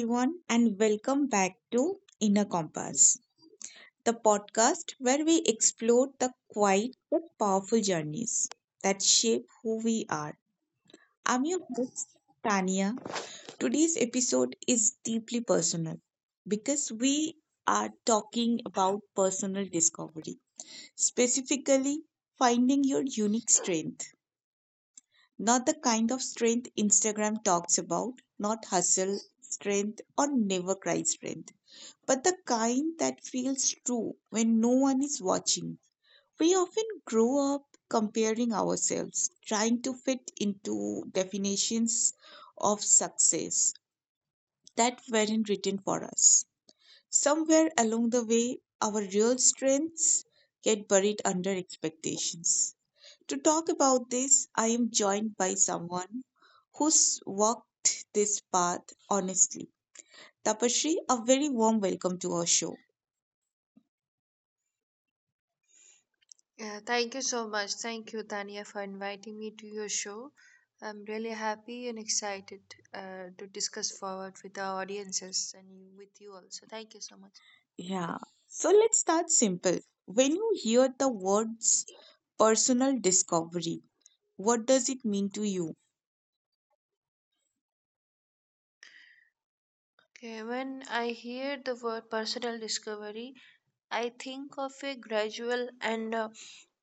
everyone, and welcome back to Inner Compass, the podcast where we explore the quiet but powerful journeys that shape who we are. I'm your host, Tania. Today's episode is deeply personal because we are talking about personal discovery, specifically finding your unique strength, not the kind of strength Instagram talks about, not hustle strength or never cry strength, but the kind that feels true when no one is watching. We often grow up comparing ourselves, trying to fit into definitions of success that weren't written for us. Somewhere along the way, our real strengths get buried under expectations. To talk about this, I am joined by someone who's walked this path honestly. Tapashri, a very warm welcome to our show. Yeah, thank you so much. Thank you, Tania, for inviting me to your show. I'm really happy and excited to discuss forward with our audiences and you, with you also. Thank you so much. Yeah. So let's start simple. When you hear the words personal discovery, what does it mean to you? Okay, when I hear the word personal discovery, I think of a gradual and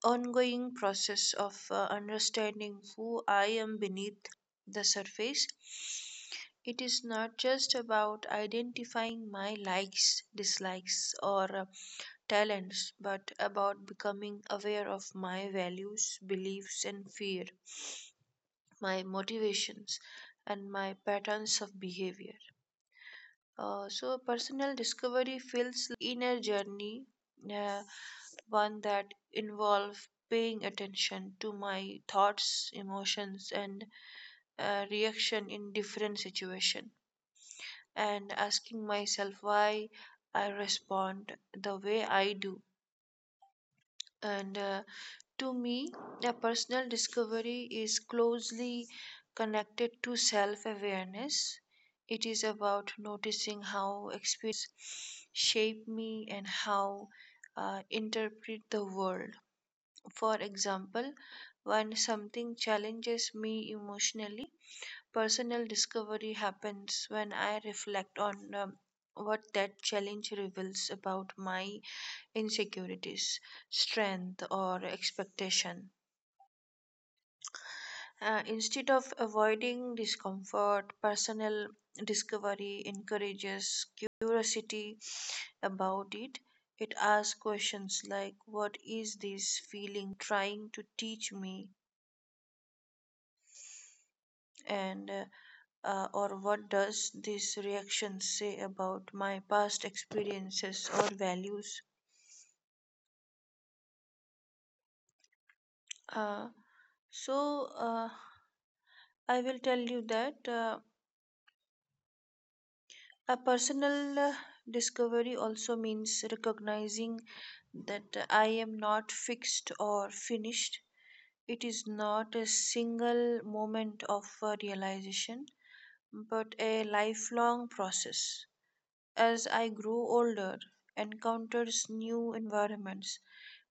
ongoing process of understanding who I am beneath the surface. It is not just about identifying my likes, dislikes, or talents, but about becoming aware of my values, beliefs, and fear, my motivations, and my patterns of behavior. Personal discovery feels inner journey, uh, one that involves paying attention to my thoughts, emotions, and reaction in different situations, and asking myself why I respond the way I do, and to me, a personal discovery is closely connected to self awareness. It is about noticing how experiences shape me and how interpret the world. For example, when something challenges me emotionally, personal discovery happens when I reflect on what that challenge reveals about my insecurities, strength, or expectation. Instead of avoiding discomfort, personal discovery encourages curiosity about it. It asks questions like, what is this feeling trying to teach me? And or what does this reaction say about my past experiences or values, uh, so I will tell you that a personal discovery also means recognizing that I am not fixed or finished. It is not a single moment of realization but a lifelong process. As I grow older, encounters new environments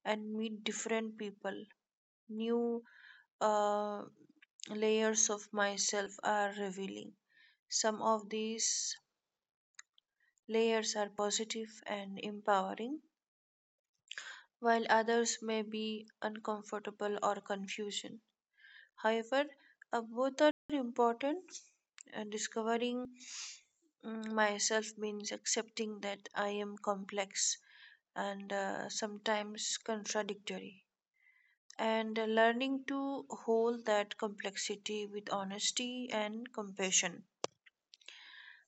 and meet different people, new uh, layers of myself are revealing. Some of these layers are positive and empowering, while others may be uncomfortable or confusion. However, both are important. Discovering myself means accepting that I am complex and sometimes contradictory, and learning to hold that complexity with honesty and compassion.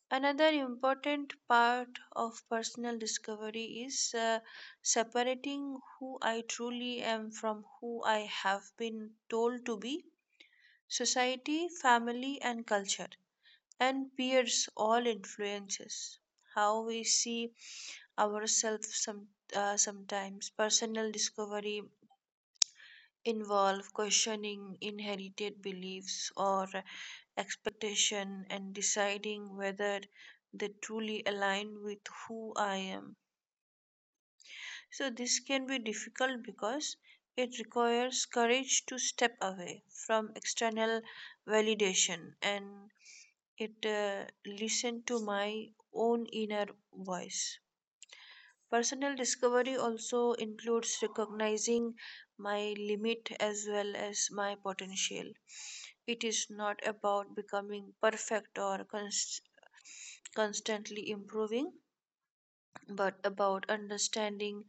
Another important part of personal discovery is separating who I truly am from who I have been told to be. Society, family, and culture, and peers all influences how we see ourselves some, sometimes. Personal discovery involve questioning inherited beliefs or expectation and deciding whether they truly align with who I am. So this can be difficult because it requires courage to step away from external validation and it listened to my own inner voice. Personal discovery also includes recognizing my limit as well as my potential. It is not about becoming perfect or constantly improving, but about understanding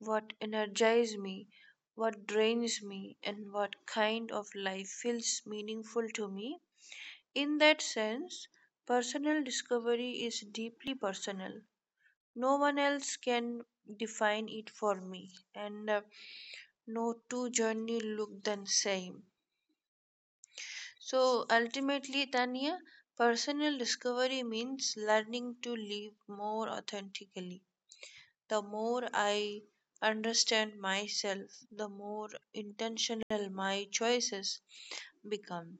what energizes me, what drains me, and what kind of life feels meaningful to me. In that sense, personal discovery is deeply personal. No one else can define it for me, and no two journey look the same. So ultimately, Tanya, personal discovery means learning to live more authentically. The more I understand myself, the more intentional my choices become,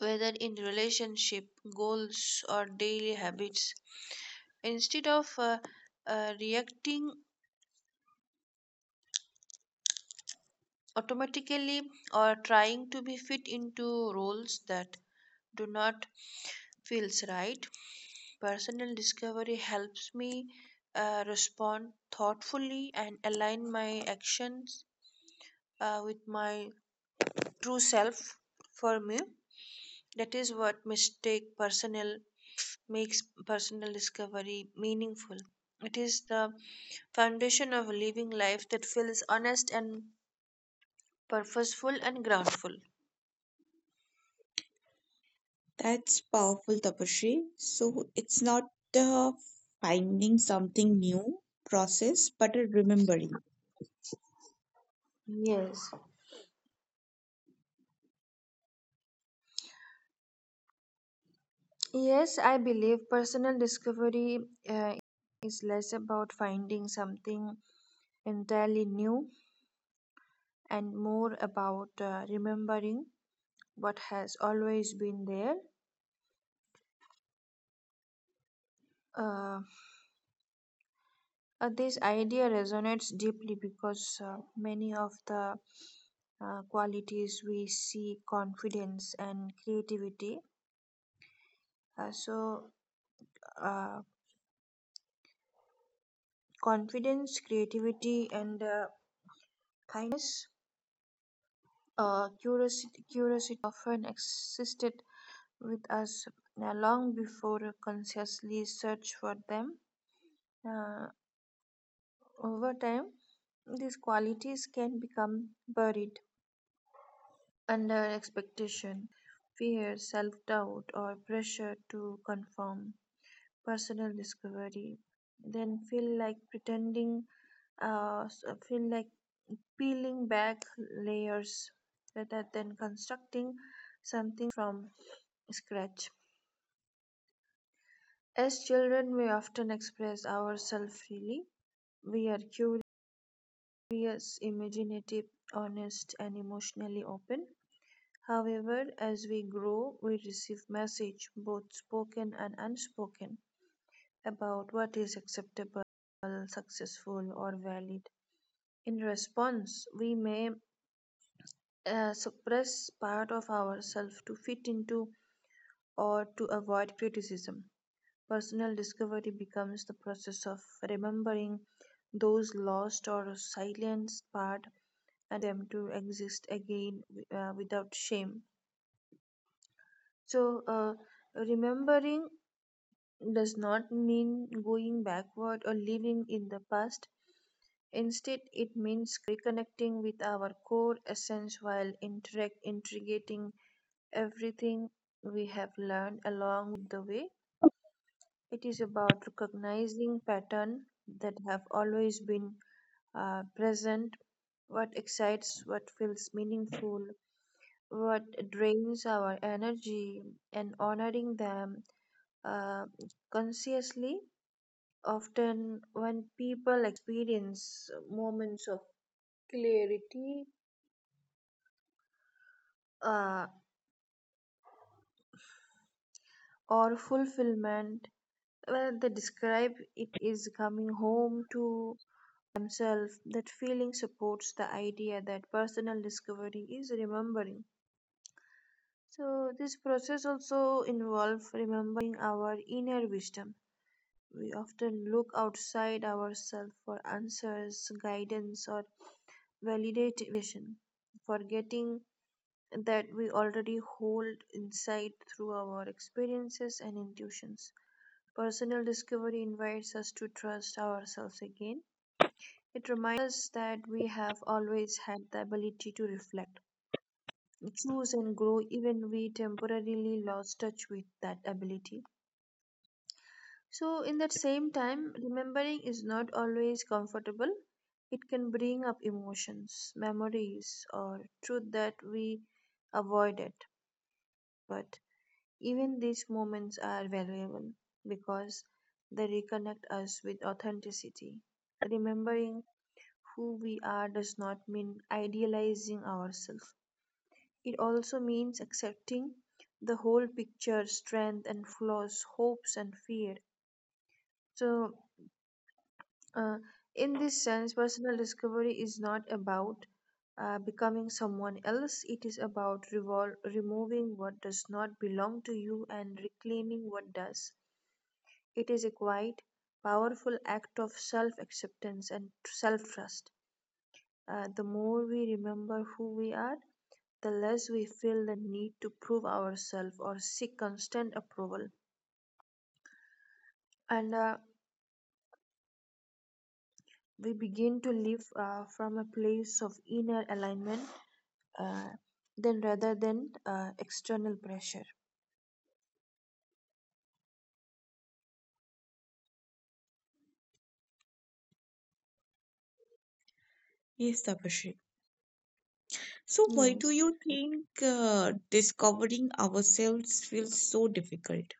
whether in relationship goals or daily habits. Instead of reacting automatically or trying to be fit into roles that do not feels right, personal discovery helps me respond thoughtfully and align my actions with my true self. For me, that is what mistake personal makes personal discovery meaningful. It is the foundation of living life that feels honest and purposeful and groundful. That's powerful, Tapashri. So it's not uh, finding something new process, but a remembering. Yes, yes, I believe personal discovery is less about finding something entirely new and more about remembering what has always been there. Um this idea resonates deeply because many of the qualities we see confidence and creativity. Uh, so, uh, Confidence, creativity, and kindness, curiosity often existed with us long before consciously search for them. Uh, Over time, these qualities can become buried under expectation, fear, self-doubt, or pressure to conform. Personal discovery, then feel like pretending, feel like peeling back layers rather than constructing something from scratch. As children, we often express ourselves freely. We are curious, imaginative, honest, and emotionally open. However, as we grow, we receive message, both spoken and unspoken, about what is acceptable, successful, or valid. In response, we may suppress part of ourselves to fit into or to avoid criticism. Personal discovery becomes the process of remembering those lost or silenced part and them to exist again without shame. So, remembering does not mean going backward or living in the past. Instead, it means reconnecting with our core essence while integrating everything we have learned along with the way. It is about recognizing patterns that have always been present, what excites what feels meaningful, what drains our energy, and honoring them uh, consciously. Often, when people experience moments of clarity uh, or fulfillment, well, they describe it is coming home to themselves. That feeling supports the idea that personal discovery is remembering. So this process also involves remembering our inner wisdom. We often look outside ourselves for answers guidance or validate validation, forgetting that we already hold insight through our experiences and intuitions. Personal discovery invites us to trust ourselves again. It reminds us that we have always had the ability to reflect, choose, and grow, even we temporarily lost touch with that ability. So, in that same time, remembering is not always comfortable. It can bring up emotions, memories, or truth that we avoided. But even these moments are valuable because they reconnect us with authenticity. Remembering who we are does not mean idealizing ourselves, it also means accepting the whole picture strength and flaws, hopes and fear. So, uh, in this sense, personal discovery is not about becoming someone else, it is about removing what does not belong to you and reclaiming what does. It is a quiet, powerful act of self acceptance and self trust. The more we remember who we are, the less we feel the need to prove ourselves or seek constant approval. And we begin to live from a place of inner alignment uh, then rather than external pressure. Yes, Tapashri. So why do Yes. you think discovering ourselves feels so difficult?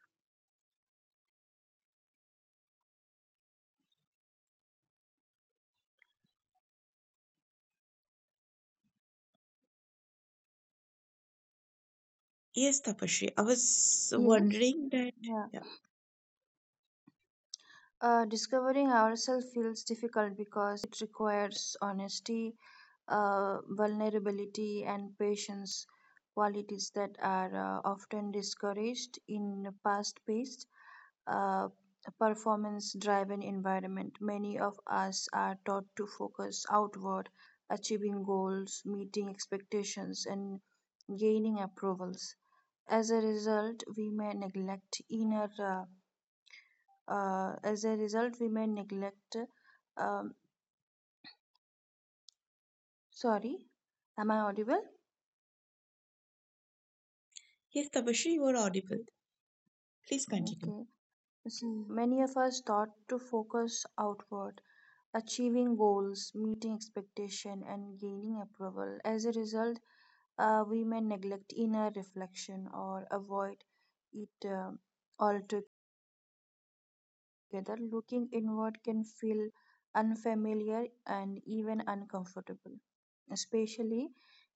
Yes, Tapashri. I was Yes. wondering that. Yeah. Yeah. Discovering ourselves feels difficult because it requires honesty, vulnerability, and patience, qualities that are often discouraged in fast paced, uh, performance driven environment. Many of us are taught to focus outward, achieving goals, meeting expectations, and gaining approvals. As a result, we may neglect inner. As a result, we may neglect. Um, sorry, am I audible? Yes, Tapashri, you are audible. Please continue. Okay. So many of us thought to focus outward, achieving goals, meeting expectation, and gaining approval. As a result, we may neglect inner reflection or avoid it altogether. Looking inward can feel unfamiliar and even uncomfortable, especially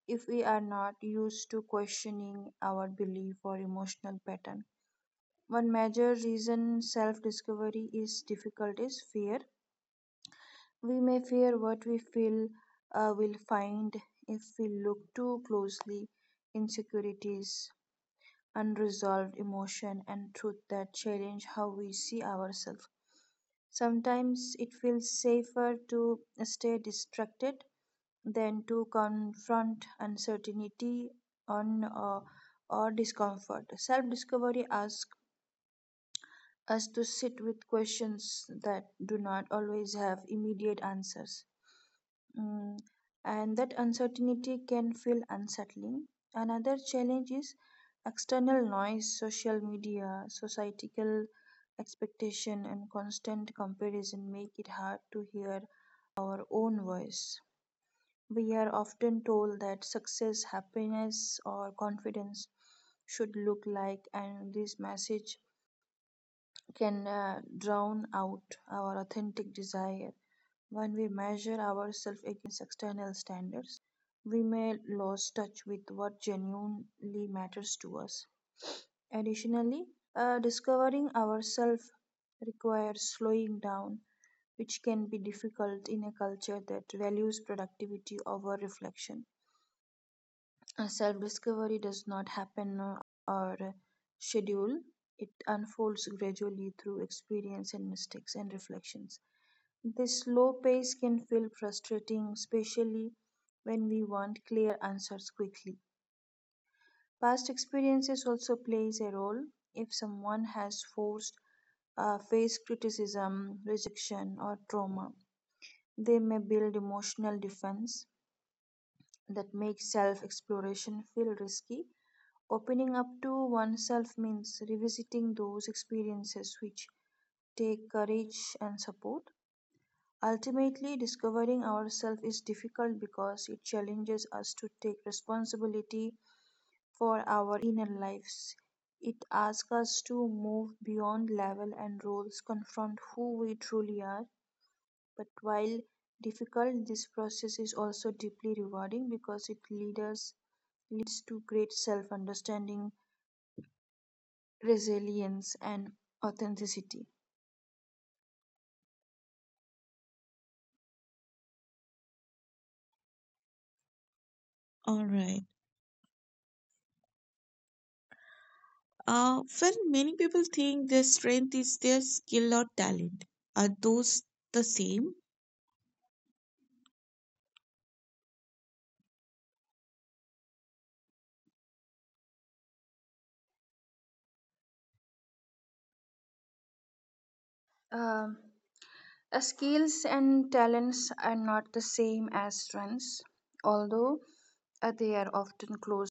if we are not used to questioning our belief or emotional pattern. One major reason self discovery is difficult is fear. We may fear what we feel will find if we look too closely insecurities unresolved emotion and truth that challenge how we see ourselves. Sometimes it feels safer to stay distracted than to confront uncertainty on, or discomfort. Self discovery asks us to sit with questions that do not always have immediate answers. Mm, and that uncertainty can feel unsettling. Another challenge is external noise, social media, societal expectation, and constant comparison make it hard to hear our own voice. We are often told that success, happiness, or confidence should look like, and this message can drown out our authentic desire when we measure ourselves against external standards we may lose touch with what genuinely matters to us. Additionally, discovering ourselves requires slowing down, which can be difficult in a culture that values productivity over reflection. Self discovery does not happen or schedule, it unfolds gradually through experience and mistakes and reflections. This slow pace can feel frustrating, especially when we want clear answers quickly. Past experiences also plays a role. If someone has forced faced criticism, rejection, or trauma, they may build emotional defense that makes self exploration feel risky. Opening up to oneself means revisiting those experiences which take courage and support. Ultimately, discovering ourselves is difficult because it challenges us to take responsibility for our inner lives. It asks us to move beyond level and roles, confront who we truly are. But while difficult, this process is also deeply rewarding because it leads to great self understanding, resilience, and authenticity. All right. Well, many people think their strength is their skill or talent. Are those the same? Um, Skills and talents are not the same as strengths, although they are often close.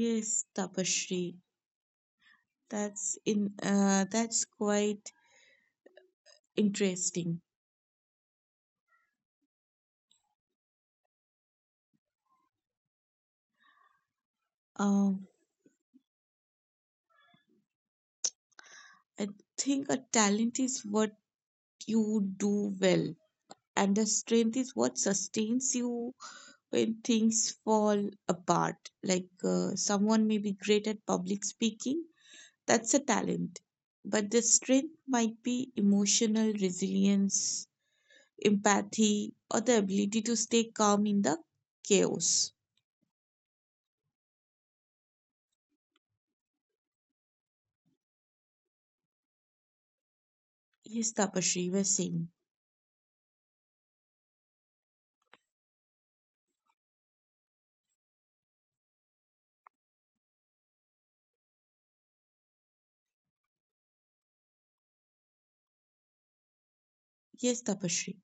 Yes, Tapashri. That's in. That's quite interesting. Um, I think a talent is what you do well, and the strength is what sustains you when things fall apart. Like someone may be great at public speaking. That's a talent. But the strength might be emotional resilience, empathy, or the ability to stay calm in the chaos. Yes, Tapashri, we're saying. Yes, Tapashri.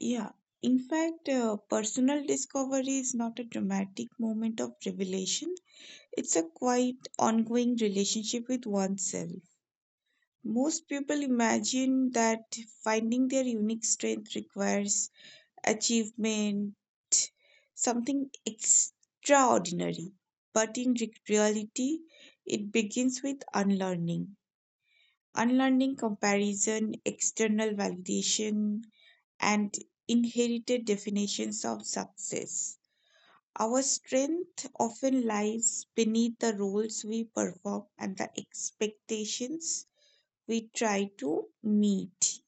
Yeah. In fact, personal discovery is not a dramatic moment of revelation. It's a quite ongoing relationship with oneself. Most people imagine that finding their unique strength requires achievement, something extraordinary. But in reality, it begins with unlearning. Unlearning comparison, external validation, and inherited definitions of success. Our strength often lies beneath the roles we perform and the expectations we try to meet.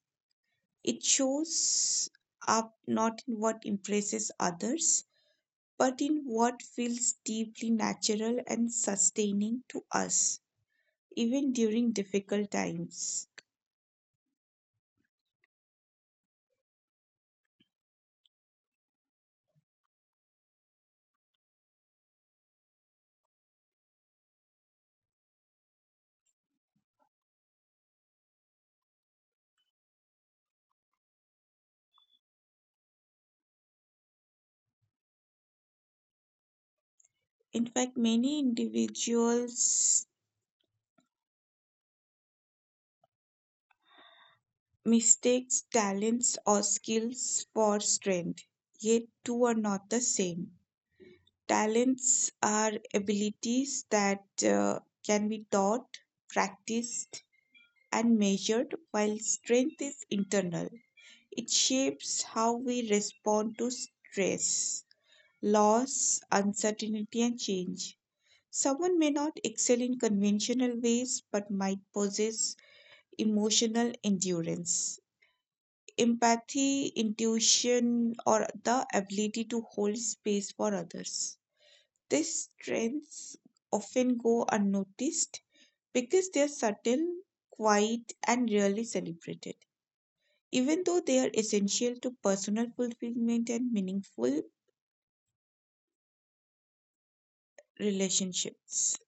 It shows up not in what impresses others, but in what feels deeply natural and sustaining to us, even during difficult times. In fact, many individuals mistakes talents or skills for strength, yet two are not the same. Talents are abilities that can be taught, practiced, and measured, while strength is internal. It shapes how we respond to stress, loss, uncertainty, and change. Someone may not excel in conventional ways but might possess emotional endurance, empathy, intuition, or the ability to hold space for others. These trends often go unnoticed because they are subtle, quiet, and rarely celebrated, even though they are essential to personal fulfillment and meaningful relationships.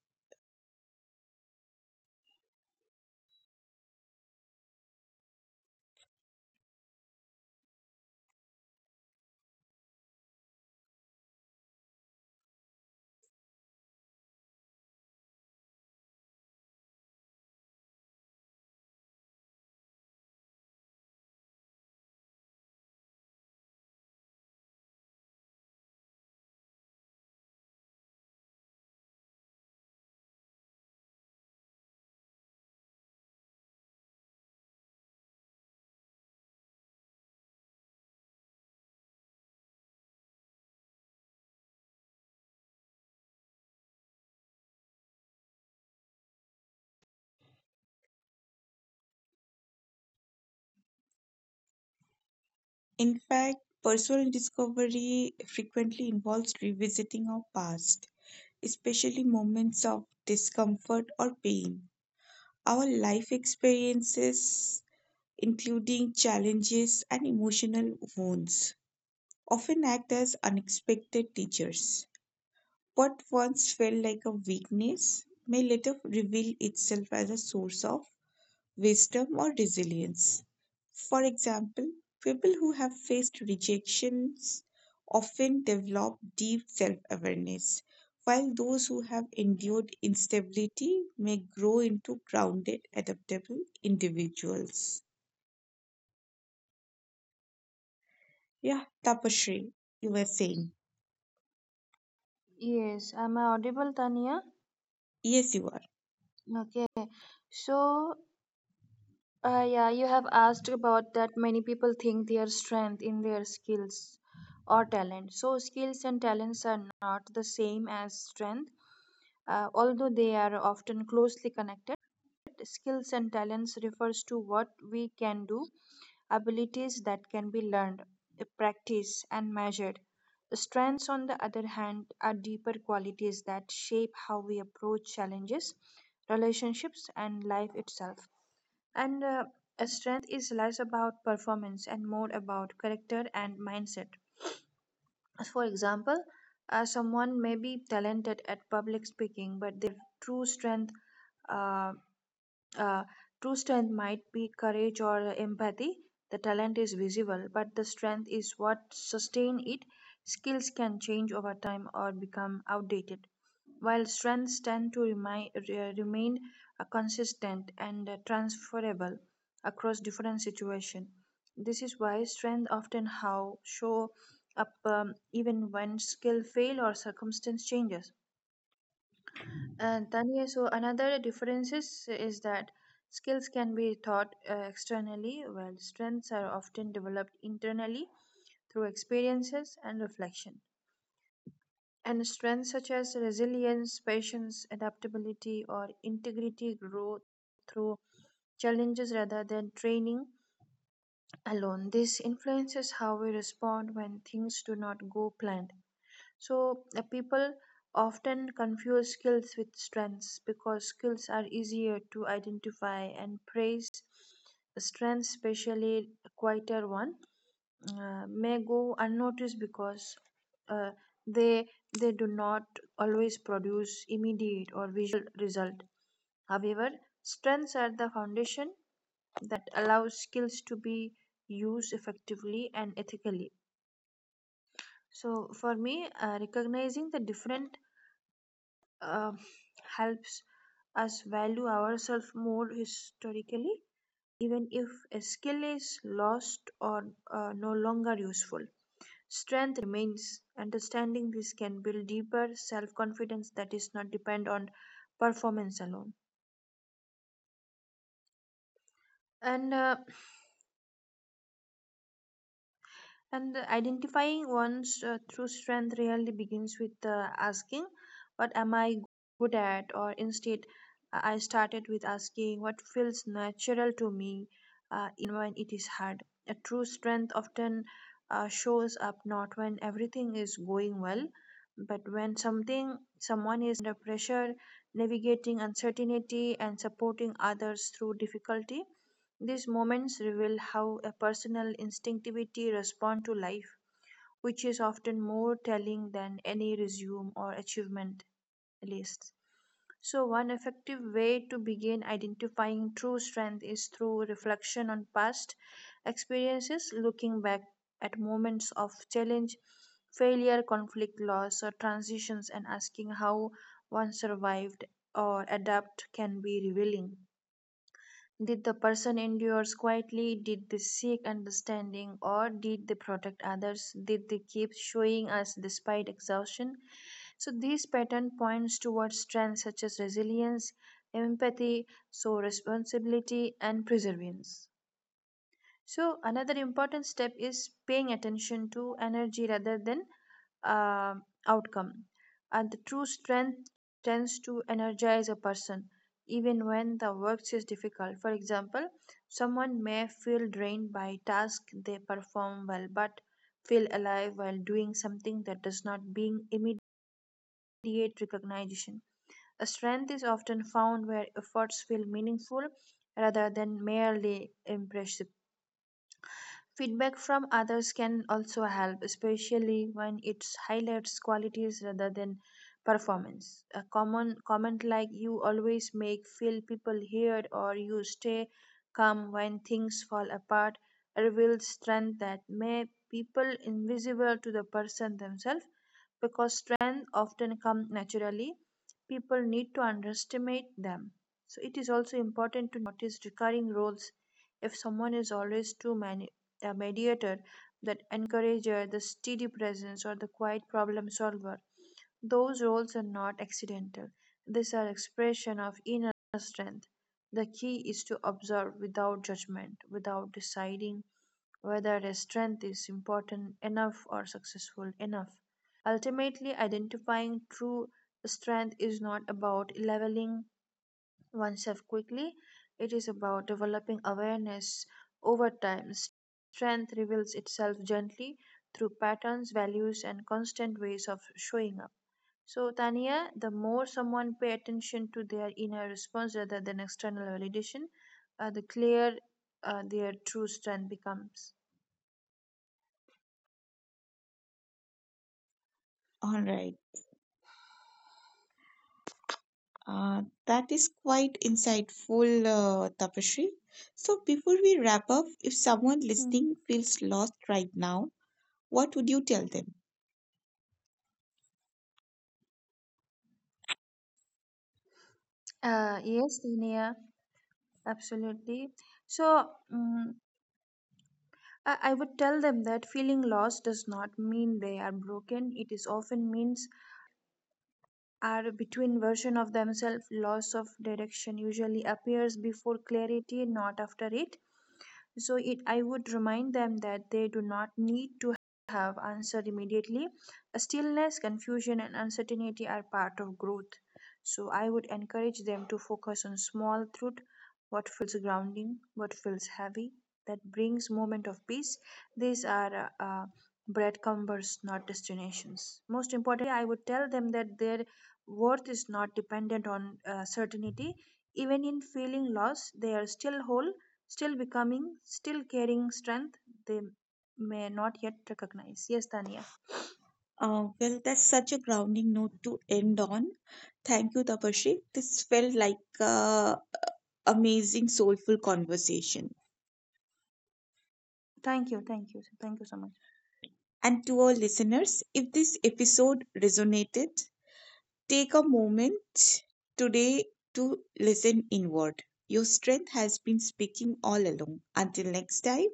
In fact, personal discovery frequently involves revisiting our past, especially moments of discomfort or pain. Our life experiences, including challenges and emotional wounds, often act as unexpected teachers. What once felt like a weakness may later reveal itself as a source of wisdom or resilience. For example, people who have faced rejections often develop deep self awareness, while those who have endured instability may grow into grounded, adaptable individuals. Yeah, Tapasree, you were saying. Yes, am I audible, Tania? Yes, you are. Okay. So, yeah, you have asked about that many people think their strength in their skills or talent. So, skills and talents are not the same as strength, although they are often closely connected. Skills and talents refers to what we can do, abilities that can be learned, practiced, and measured. Strengths, on the other hand, are deeper qualities that shape how we approach challenges, relationships, and life itself. And a strength is less about performance and more about character and mindset. For example, someone may be talented at public speaking, but their true strength uh, uh, true strength might be courage or empathy. The talent is visible, but the strength is what sustain it. Skills can change over time or become outdated, while strengths tend to remain consistent and transferable across different situations. This is why strength often how show up even when skill fail or circumstance changes. And Tanya, so another difference is that skills can be taught externally, while strengths are often developed internally through experiences and reflection. And strengths such as resilience, patience, adaptability, or integrity grow through challenges rather than training alone. This influences how we respond when things do not go planned. So, people often confuse skills with strengths because skills are easier to identify and praise. Strengths, especially a quieter one, may go unnoticed because uh, they they do not always produce immediate or visual result. However, strengths are the foundation that allows skills to be used effectively and ethically. So, for me, recognizing the different uh, helps us value ourselves more historically, even if a skill is lost or no longer useful. Strength remains. Understanding this can build deeper self confidence that is not depend on performance alone. And uh, And identifying one's true strength really begins with asking, "What am I good at?" Or instead, I started with asking, "What feels natural to me, when it is hard?" A true strength often shows up not when everything is going well, but when something someone is under pressure, navigating uncertainty, and supporting others through difficulty. These moments reveal how a personal instinctivity responds to life, which is often more telling than any resume or achievement lists. So, one effective way to begin identifying true strength is through reflection on past experiences, looking back at moments of challenge, failure, conflict, loss, or transitions, and asking how one survived or adapted can be revealing. Did the person endure quietly? Did they seek understanding or did they protect others? Did they keep showing us despite exhaustion? So this pattern points towards strengths such as resilience, empathy, so responsibility and perseverance. So, another important step is paying attention to energy rather than uh, outcome. And the true strength tends to energize a person even when the work is difficult. For example, someone may feel drained by tasks they perform well but feel alive while doing something that does not bring immediate recognition. A strength is often found where efforts feel meaningful rather than merely impressive. Feedback from others can also help, especially when it highlights qualities rather than performance. A common comment like "you always make feel people heard" or "you stay calm when things fall apart" reveals strength that may people invisible to the person themselves because strength often comes naturally. People need to underestimate them. So it is also important to notice recurring roles if someone is always too many the mediator, the encourager, the steady presence, or the quiet problem solver. Those roles are not accidental. These are expression of inner strength. The key is to observe without judgment, without deciding whether a strength is important enough or successful enough. Ultimately, identifying true strength is not about leveling oneself quickly. It is about developing awareness over time. Strength reveals itself gently through patterns, values, and constant ways of showing up. So, Tania, the more someone pay attention to their inner response rather than external validation, the clearer their true strength becomes. All right. That is quite insightful, Tapashri. So, before we wrap up, if someone Hmm. listening feels lost right now, what would you tell them? Yes, Tania, absolutely. So, mm I would tell them that feeling lost does not mean they are broken. It is often means are between version of themselves. Loss of direction usually appears before clarity, not after it, so it I would remind them that they do not need to have answer immediately. Stillness, confusion and uncertainty are part of growth, so I would encourage them to focus on small truth. What feels grounding, what feels heavy, that brings moment of peace. These are breadcrumbs, not destinations. Most importantly, I would tell them that their worth is not dependent on certainty. Even in feeling lost, they are still whole, still becoming, still carrying strength they may not yet recognize. Yes, Tanya. Well, that's such a grounding note to end on. Thank you, Tapashri. This felt like a amazing, soulful conversation. Thank you, thank you, thank you so much. And to our listeners, if this episode resonated, take a moment today to listen inward. Your strength has been speaking all along. Until next time,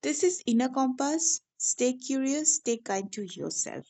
this is Inner Compass. Stay curious, stay kind to yourself.